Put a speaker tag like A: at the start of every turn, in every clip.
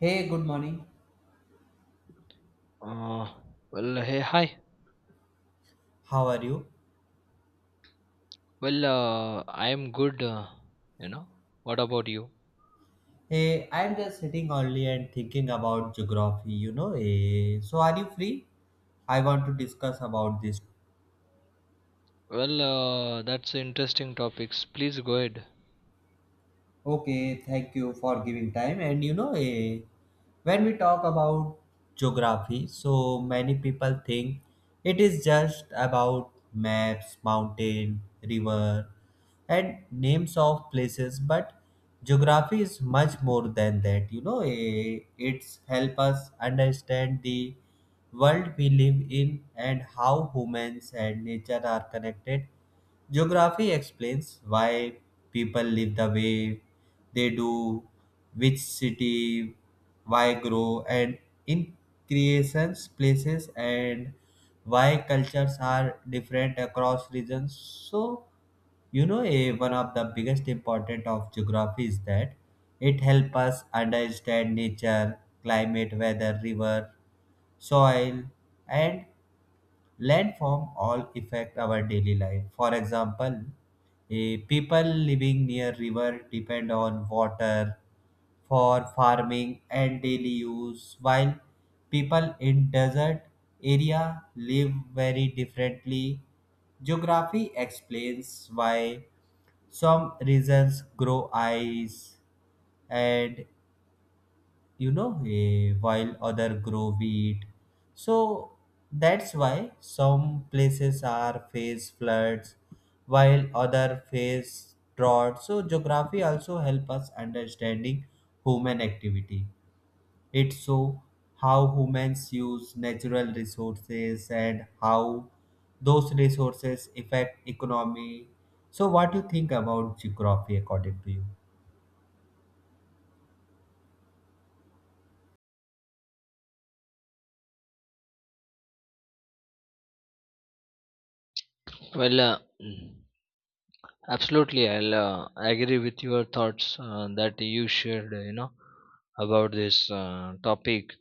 A: Hey, good morning.
B: Uh, well, hey, hi.
A: How are you?
B: Well, I am good. You know, what about you?
A: Hey, I'm just sitting only and thinking about geography. So are you free? I want to discuss about this.
B: Well, that's interesting topics. Please go ahead.
A: Okay, thank you for giving time. And when we talk about geography, so many people think it is just about maps, mountain, river, and names of places. But geography is much more than that. It's help us understand the world we live in and how humans and nature are connected. Geography explains why people live the way they do, which city, why grow, and in creations, places, and why cultures are different across regions. So, one of the biggest important of geography is that it helps us understand nature, climate, weather, river, soil, and landform all affect our daily life. For example, people living near river depend on water for farming and daily use, while people in desert area live very differently. Geography explains why some regions grow ice and while other grow wheat. So that's why some places are face floods, while other face drought. So geography also help us understanding human activity. It show how humans use natural resources and how those resources affect economy. So what do you think about geography according to you?
B: Well, absolutely, I'll agree with your thoughts that you shared. About this topic.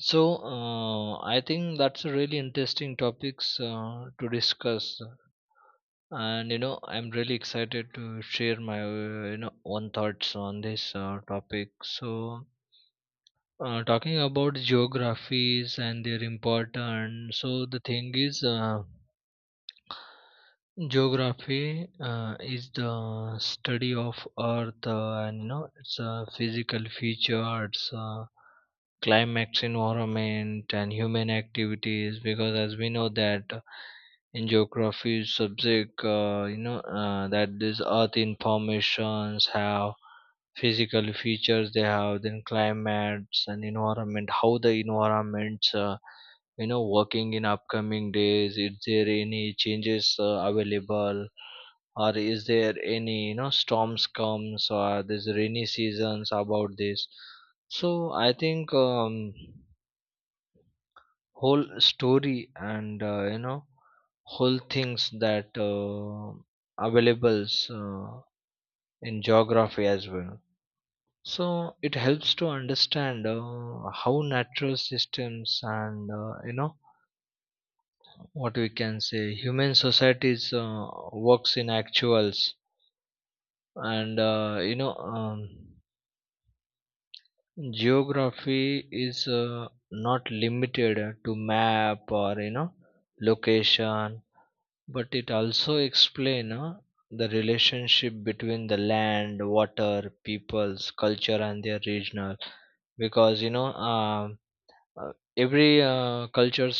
B: So, I think that's a really interesting topics to discuss. And I'm really excited to share my own thoughts on this topic. So, talking about geographies and their importance, so the thing is, geography is the study of Earth and its physical features, climax, environment, and human activities. Because as we know that in geography subject, that this Earth informations have physical features, they have then climates and environment, how the environments working in upcoming days, is there any changes available, or is there any storms comes, or there's rainy seasons about this. So I think whole story and whole things that available uh, in geography as well. So it helps to understand how natural systems and what we can say human societies works in actuals. And geography is not limited to map or location, but it also explain the relationship between the land, water, peoples, culture, and their regional. Because every culture,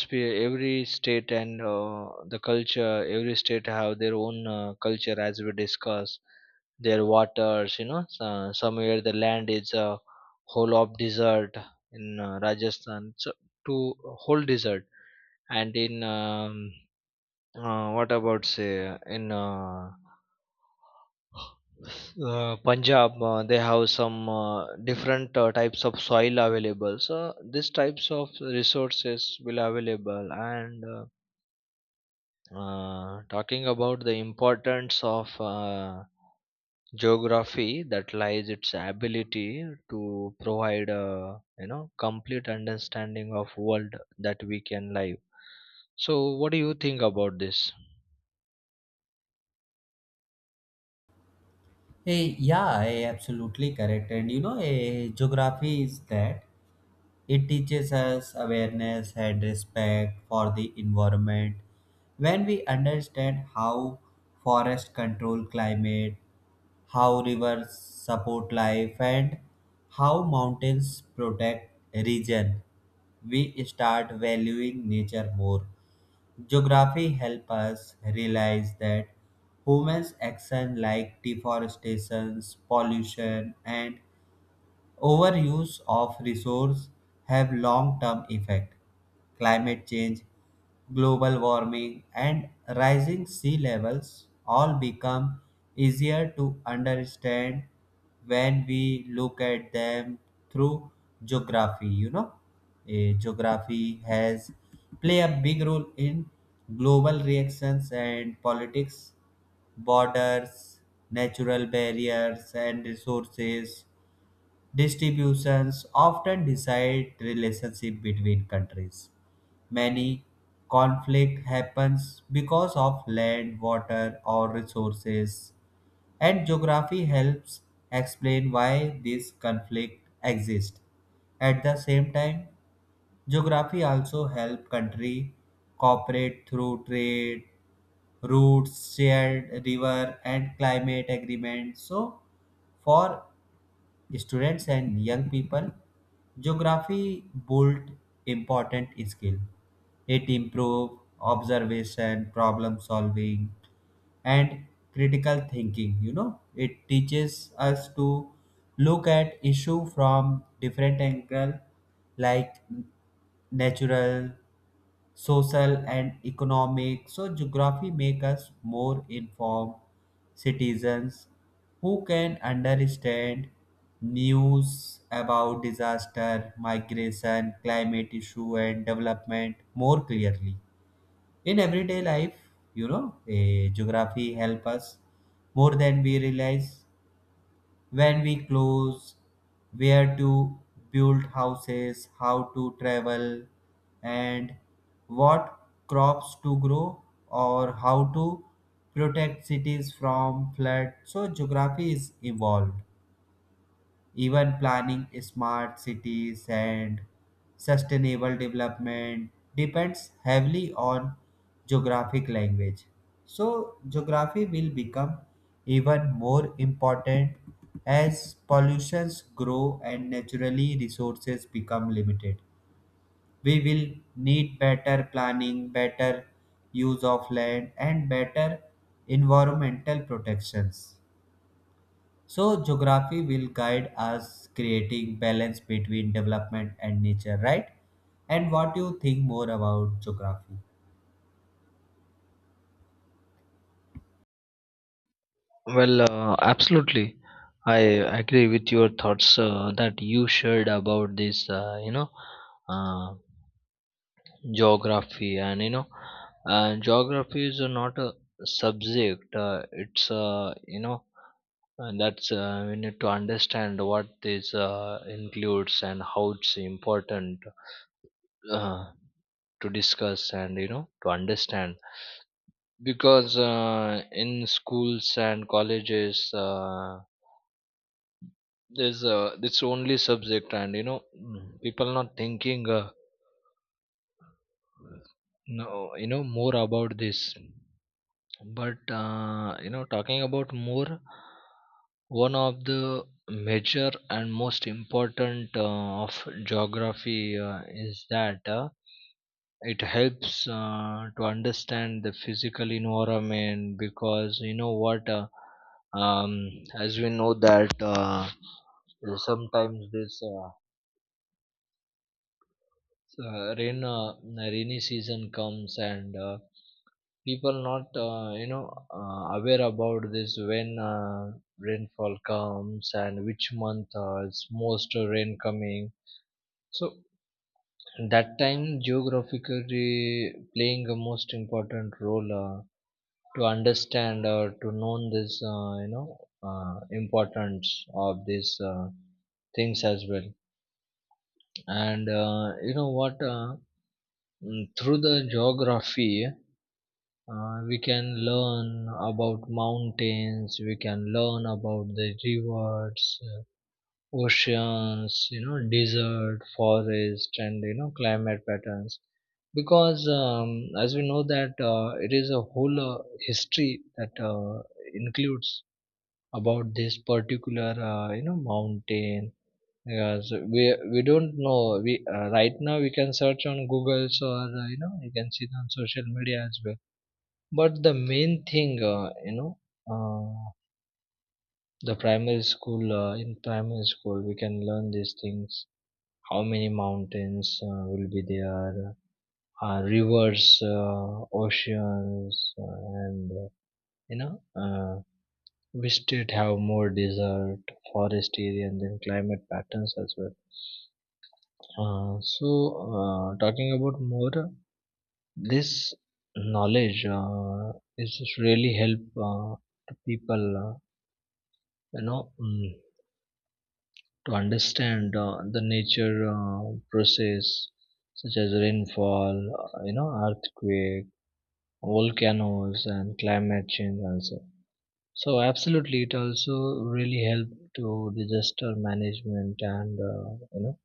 B: every state, and the culture, every state have their own culture, as we discuss their waters, so somewhere the land is a whole of desert in Rajasthan, so to whole desert. And in what about say in Punjab, they have some different types of soil available. So these types of resources will available. And talking about the importance of geography, that lies its ability to provide a complete understanding of world that we can live. So what do you think about this?
A: Yeah, absolutely correct. And geography is that it teaches us awareness and respect for the environment. When we understand how forest control climate, how rivers support life, and how mountains protect region, we start valuing nature more. Geography help us realize that humans action like deforestation, pollution and overuse of resource have long-term effect. Climate change, global warming, and rising sea levels all become easier to understand when we look at them through geography. Geography has play a big role in global reactions and politics, borders, natural barriers, and resources distributions often decide relationship between countries. Many conflict happens because of land, water, or resources, and geography helps explain why this conflict exists. At the same time, geography also help country cooperate through trade, routes, shared river, and climate agreement. So, for students and young people, geography built important skill. It improved observation, problem solving, and critical thinking. You know, it teaches us to look at issue from different angle, like natural social and economic. So geography make us more informed citizens who can understand news about disaster, migration, climate issue and development more clearly. In everyday life, geography help us more than we realize when we close, where to build houses, how to travel, and what crops to grow or how to protect cities from flood. So geography is evolved even planning smart cities and sustainable development depends heavily on geographic language. So geography will become even more important as pollutions grow and naturally resources become limited. We will need better planning, better use of land, and better environmental protections. So geography will guide us creating balance between development and nature, right? And what do you think more about geography?
B: Well, absolutely. I agree with your thoughts that you shared about this, uh, geography. And, geography is not a subject, and that's we need to understand what this includes and how it's important uh, to discuss and, to understand. Because in schools and colleges, there's it's only subject. And people not thinking no, more about this. But talking about more, one of the major and most important of geography is that it helps to understand the physical environment. Because you know what um, as we know that sometimes this uh, rain uh, rainy season comes and people not aware about this, when rainfall comes and which month is most rain coming. So that time geographically playing a most important role to understand or to know this importance of these things as well. And through the geography we can learn about mountains, we can learn about the rivers, oceans, desert, forest, and climate patterns. Because as we know that it is a whole history that includes about this particular mountain. Yeah. So we don't know. We Right now we can search on Google's, or you can see it on social media as well. But the main thing, uh, the primary school, in primary school, we can learn these things. How many mountains will be there, rivers, oceans, and, uh, you know, uh, we state have more desert, forest area, and then climate patterns as well. Uh, so, talking about more, this knowledge is really help to people. You know mm, to understand the nature process such as rainfall, earthquake, volcanoes, and climate change also. So absolutely it also really help to disaster management and you know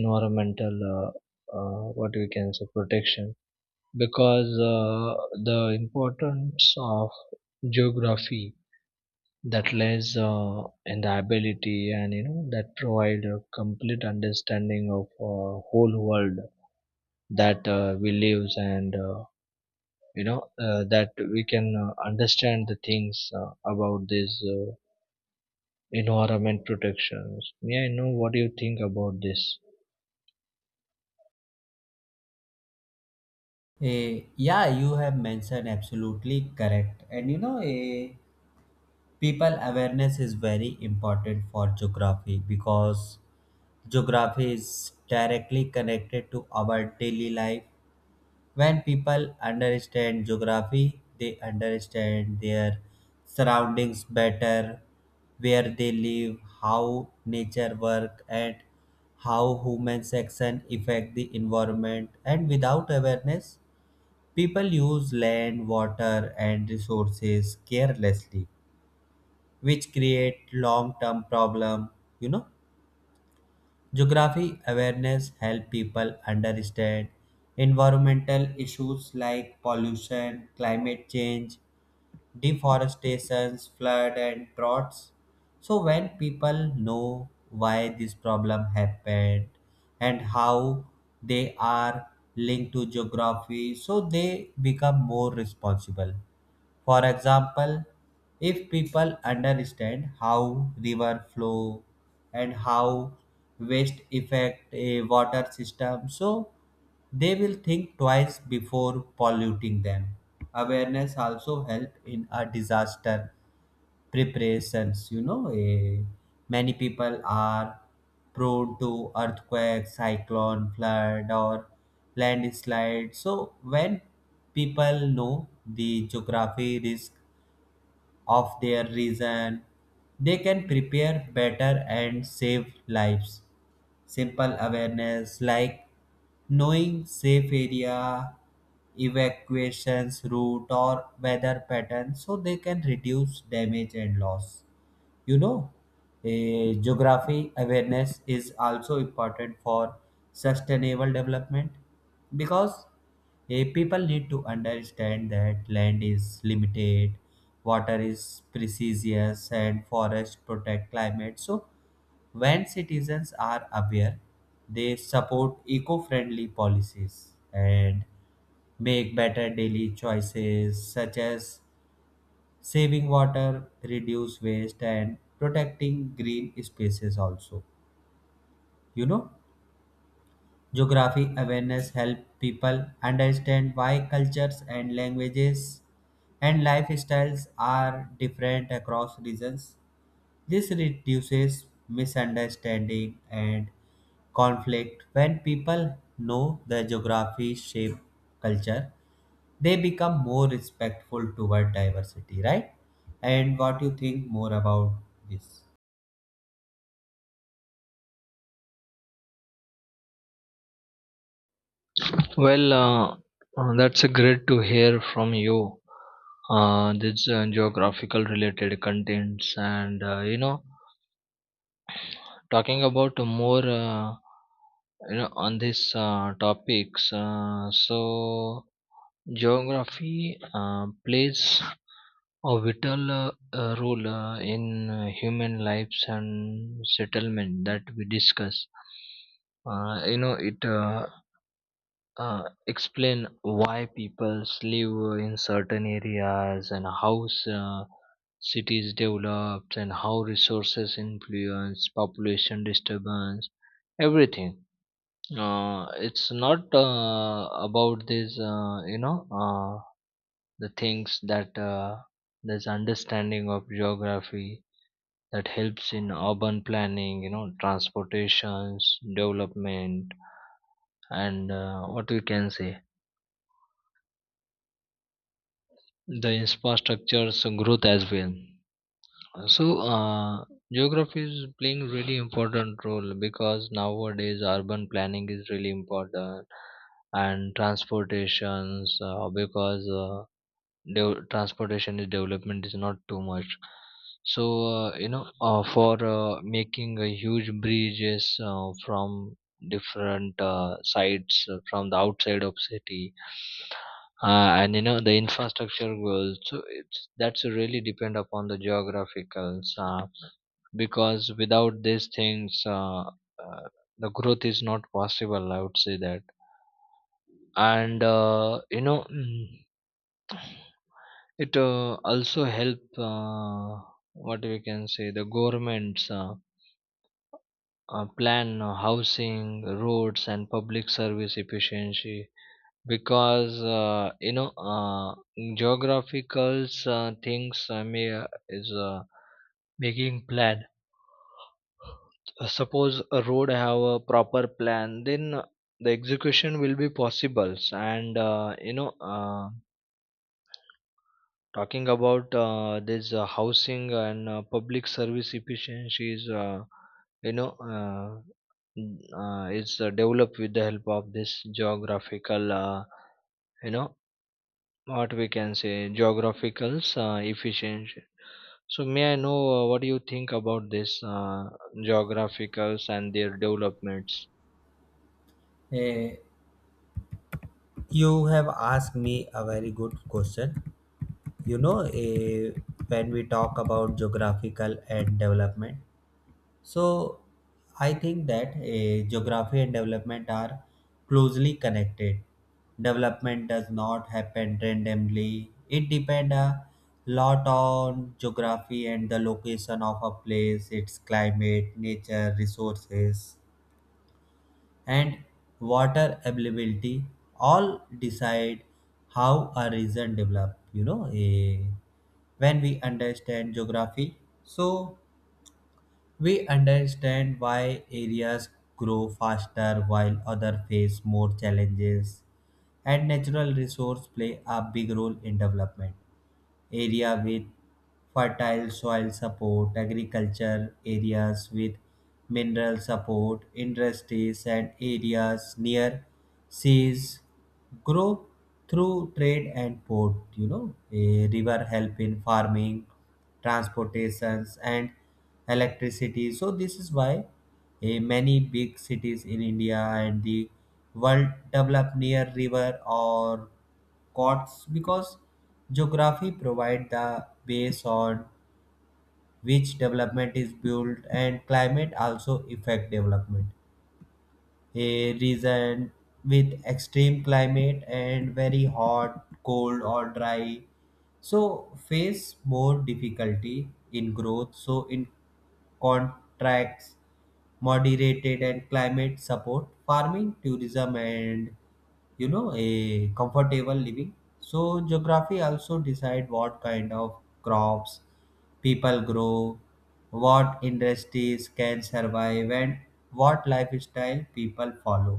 B: environmental what we can say protection. Because the importance of geography that lies in the ability, and that provide a complete understanding of whole world that we live, and that we can understand the things about this environment protections. Yeah, I know what you think about this.
A: Yeah, you have mentioned absolutely correct. And people awareness is very important for geography because geography is directly connected to our daily life. When people understand geography, they understand their surroundings better, where they live, how nature works, and how humans' action affect the environment. And without awareness, people use land, water, and resources carelessly, which create long-term problem. You know. Geography awareness help people understand environmental issues like pollution, climate change, deforestation, flood and droughts. So when people know why this problem happened and how they are linked to geography, so they become more responsible. For example, if people understand how river flow and how waste affect a water system, so they will think twice before polluting them. Awareness also help in a disaster preparations. Many people are prone to earthquake, cyclone, flood, or landslide. So when people know the geography risk of their region, they can prepare better and save lives. Simple awareness like knowing safe area, evacuations route or weather patterns so they can reduce damage and loss. You know, a geography awareness is also important for sustainable development because people need to understand that land is limited, water is precious, and forests protect climate. So, when citizens are aware, they support eco-friendly policies and make better daily choices such as saving water, reduce waste, and protecting green spaces also. You know, geography awareness help people understand why cultures and languages and lifestyles are different across regions. This reduces misunderstanding and conflict. When people know the geography shape culture, they become more respectful toward diversity, right? And what you think more about this?
B: Well, that's a great to hear from you this geographical related contents. And talking about more on this topics, so geography plays a vital role in human lives and settlement that we discuss. It explain why people live in certain areas, and how cities developed, and how resources influence population disturbance, everything. It's not about this, the things that this understanding of geography that helps in urban planning, transportations development, and what we can say the infrastructure's growth as well. So, geography is playing really important role, because nowadays urban planning is really important, and transportations, transportation is development is not too much. So for making a huge bridges from different sites from the outside of city, and the infrastructure goals, so it's that's really depend upon the geographicals. Because without these things, uh, the growth is not possible, I would say that. And It also help what we can say the governments plan housing, roads, and public service efficiency. Because geographical things may is making plan. Suppose a road have a proper plan, then the execution will be possible. And talking about this housing and public service efficiency is, you know uh, is developed with the help of this geographical, you know what we can say geographical efficiency. So may I know what do you think about this geographicals and their developments?
A: Eh, you have asked me a very good question. You know eh, when we talk about geographical and development, so I think that geography and development are closely connected. Development does not happen randomly. It depends a lot on geography and the location of a place, its climate, nature, resources, and water availability. All decide how a region develop. You know, when we understand geography, so we understand why areas grow faster while others face more challenges, and natural resources play a big role in development. Area with fertile soil support, agriculture areas with mineral support, industries and areas near seas grow through trade and port. You know, a river help in farming, transportations and electricity. So this is why a many big cities in India and the world develop near river or courts, because geography provides the base on which development is built. And climate also affect development. A region with extreme climate and very hot, cold or dry so face more difficulty in growth. So in contracts, moderated and climate support farming, tourism and, you know, a comfortable living. So geography also decide what kind of crops people grow, what industries can survive, and what lifestyle people follow.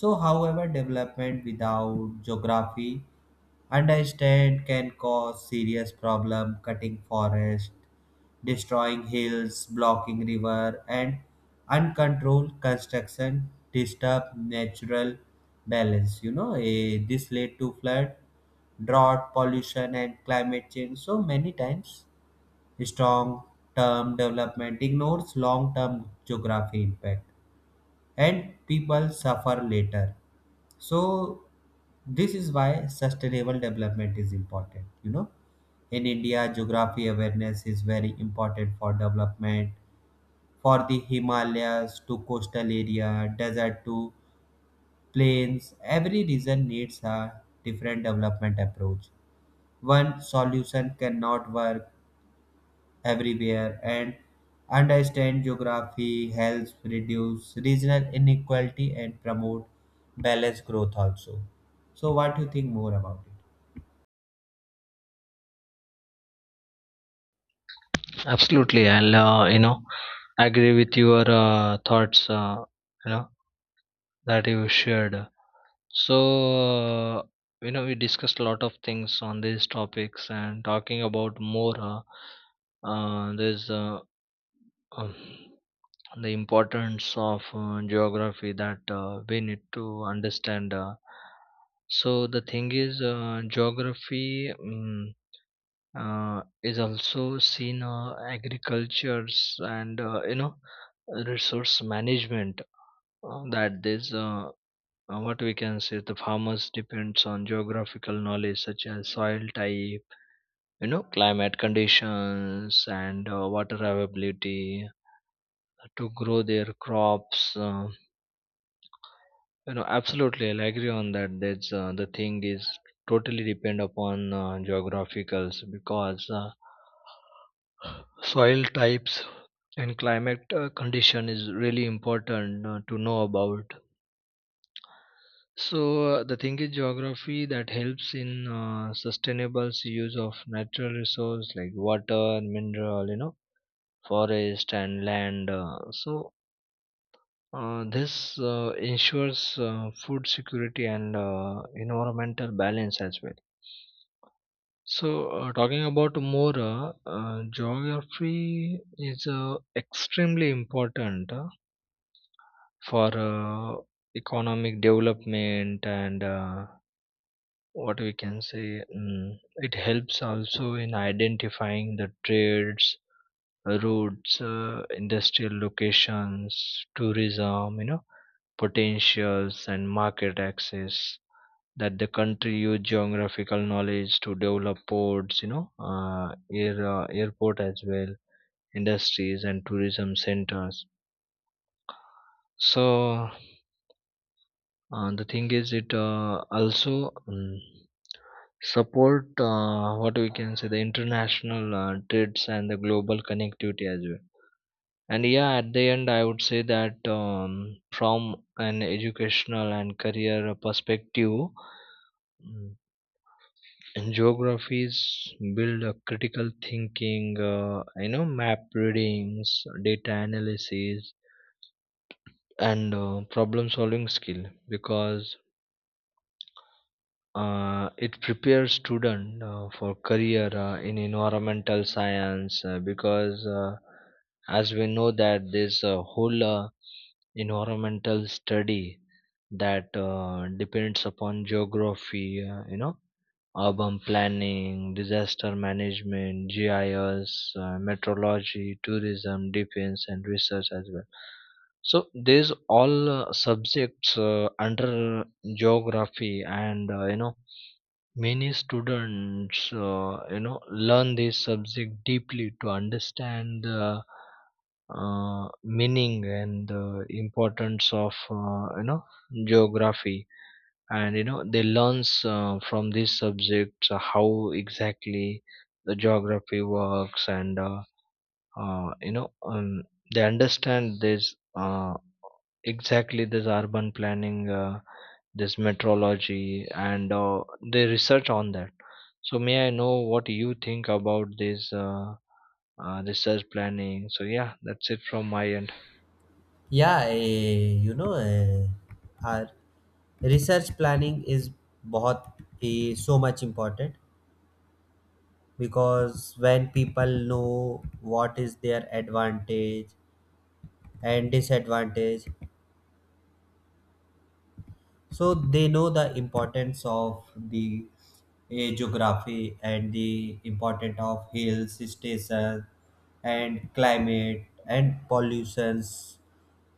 A: So however development without geography understand can cause serious problem. Cutting forest, destroying hills, blocking river, and uncontrolled construction disturb natural balance. This led to flood, drought, pollution and climate change. So many times strong term development ignores long term geography impact and people suffer later. So this is why sustainable development is important. You know, in India, geography awareness is very important for development. For the Himalayas to coastal area, desert to plains, every region needs a different development approach. One solution cannot work everywhere, and understand geography helps reduce regional inequality and promote balanced growth also. So what do you think more about it?
B: Absolutely, I'll agree with your thoughts, you know that you shared. So, we discussed a lot of things on these topics, and talking about more. Uh, there's uh, um, the importance of geography that we need to understand. So, the thing is, geography is also seen agricultures and resource management. That this what we can say the farmers depends on geographical knowledge such as soil type, climate conditions, and water availability to grow their crops. Absolutely I'll agree on that, that's the thing is totally depend upon geographicals. Because soil types and climate condition is really important to know about. So the thing is geography that helps in sustainable use of natural resource, like water, mineral, forest, and land. This ensures food security and environmental balance as well. So talking about more, geography is extremely important for economic development, and what we can say it helps also in identifying the trades routes, industrial locations, tourism, potentials, and market access. That the country use geographical knowledge to develop ports, air, airport as well, industries, and tourism centers. So the thing is, it also support what we can say the international trades and the global connectivity as well. And yeah, at the end I would say that, from an educational and career perspective, mm, geographies build a critical thinking, map readings, data analysis, and problem solving skill. Because it prepares student for career in environmental science. Because as we know that this whole environmental study that depends upon geography, urban planning, disaster management, GIS, meteorology, tourism, defense, and research as well. So these all subjects under geography. And many students, learn this subject deeply to understand the meaning and the importance of, geography. And they learns from this subject how exactly the geography works, and uh, you know, um, they understand this exactly this urban planning. This metrology, and they research on that. So may I know what you think about this research planning? So yeah, that's it from my end.
A: Yeah, you know, our research planning is बहुत so much important, because when people know what is their advantage and disadvantage, so they know the importance of the geography and the importance of hills station and climate and pollutions.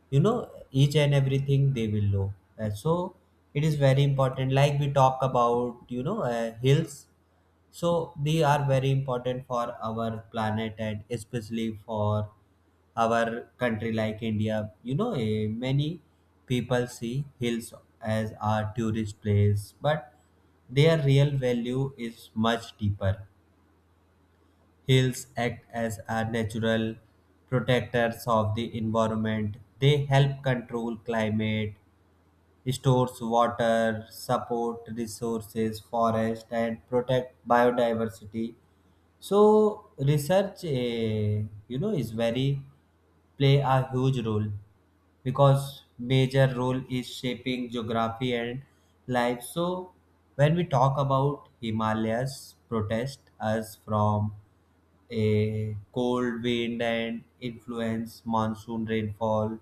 A: You know, each and everything they will know. And so it is very important. Like we talk about, you know, hills, so they are very important for our planet and especially for our country like India. You know, many people see hills as a tourist place, but their real value is much deeper. Hills act as a natural protectors of the environment. They help control climate, stores water, support resources, forest, and protect biodiversity. So research, is very play a huge role because major role is shaping geography and life. So when we talk about Himalayas, protest us from a cold wind and influence monsoon rainfall,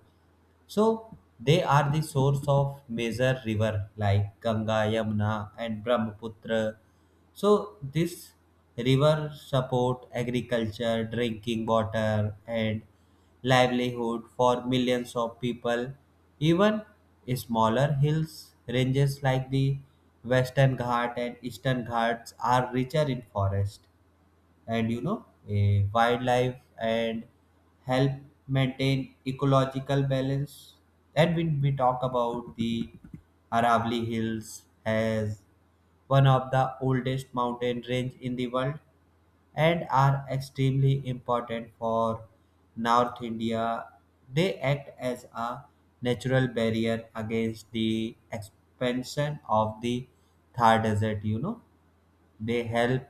A: so they are the source of major river like Ganga, Yamuna, and Brahmaputra. So this river support agriculture, drinking water, and livelihood for millions of people. Even smaller hills ranges like the Western Ghat and Eastern Ghats are richer in forest and, you know, a wildlife, and help maintain ecological balance. And when we talk about the Aravalli Hills as one of the oldest mountain range in the world, and are extremely important for North India. They act as a natural barrier against the expansion of the Thar Desert, you know. They help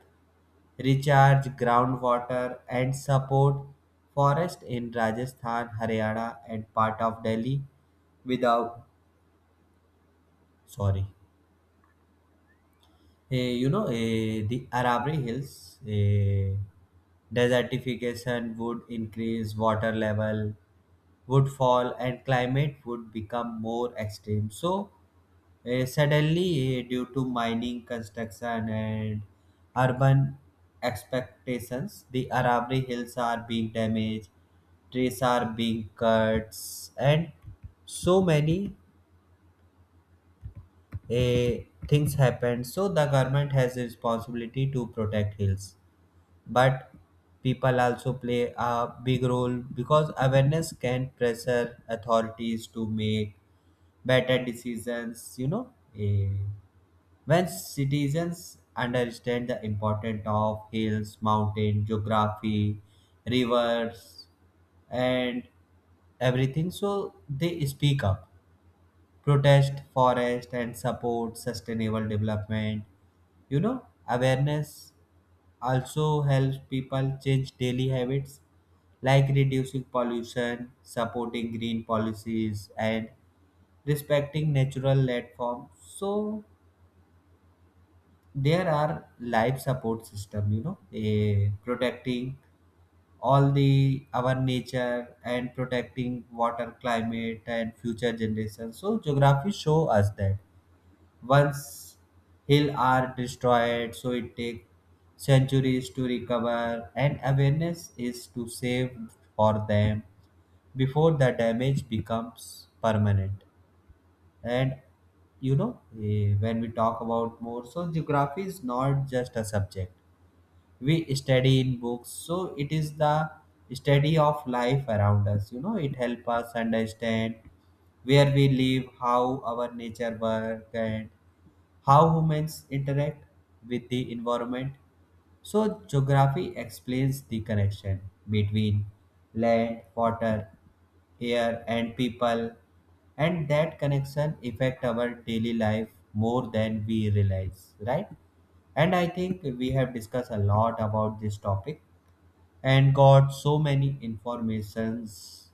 A: recharge groundwater and support forests in Rajasthan, Haryana, and part of Delhi without, sorry. The Arabri Hills, desertification would increase, water level would fall, and climate would become more extreme. So suddenly, due to mining, construction, and urban expectations, the Arabri Hills are being damaged, trees are being cut, and so many uh, things happen. So the government has a responsibility to protect hills, but people also play a big role, because awareness can pressure authorities to make better decisions. You know. Eh, When citizens understand the importance of hills, mountain, geography, rivers, and everything, so they speak up, protest, forest, and support sustainable development. You know, awareness also helps people change daily habits like reducing pollution, supporting green policies, and respecting natural landforms. So there are life support system. You know, protecting all the our nature and protecting water, climate and future generations. So geography show us that once hill are destroyed, so it take centuries to recover, and awareness is to save for them before the damage becomes permanent. And you know, when we talk about more, so geography is not just a subject we study in books. So it is the study of life around us. You know, it help us understand where we live, how our nature work, and how humans interact with the environment. So geography explains the connection between land, water, air and people, and that connection affect our daily life more than we realize, right? And I think we have discussed a lot about this topic and got so many informations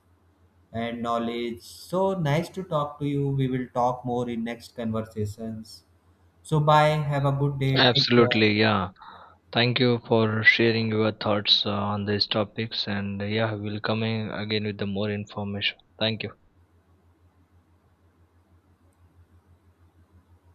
A: and knowledge. So nice to talk to you. We will talk more in next conversations. So bye. Have a good day. Take
B: Absolutely,
A: care.
B: yeah, thank you for sharing your thoughts on these topics. And yeah, we'll come in again with the more information. Thank you.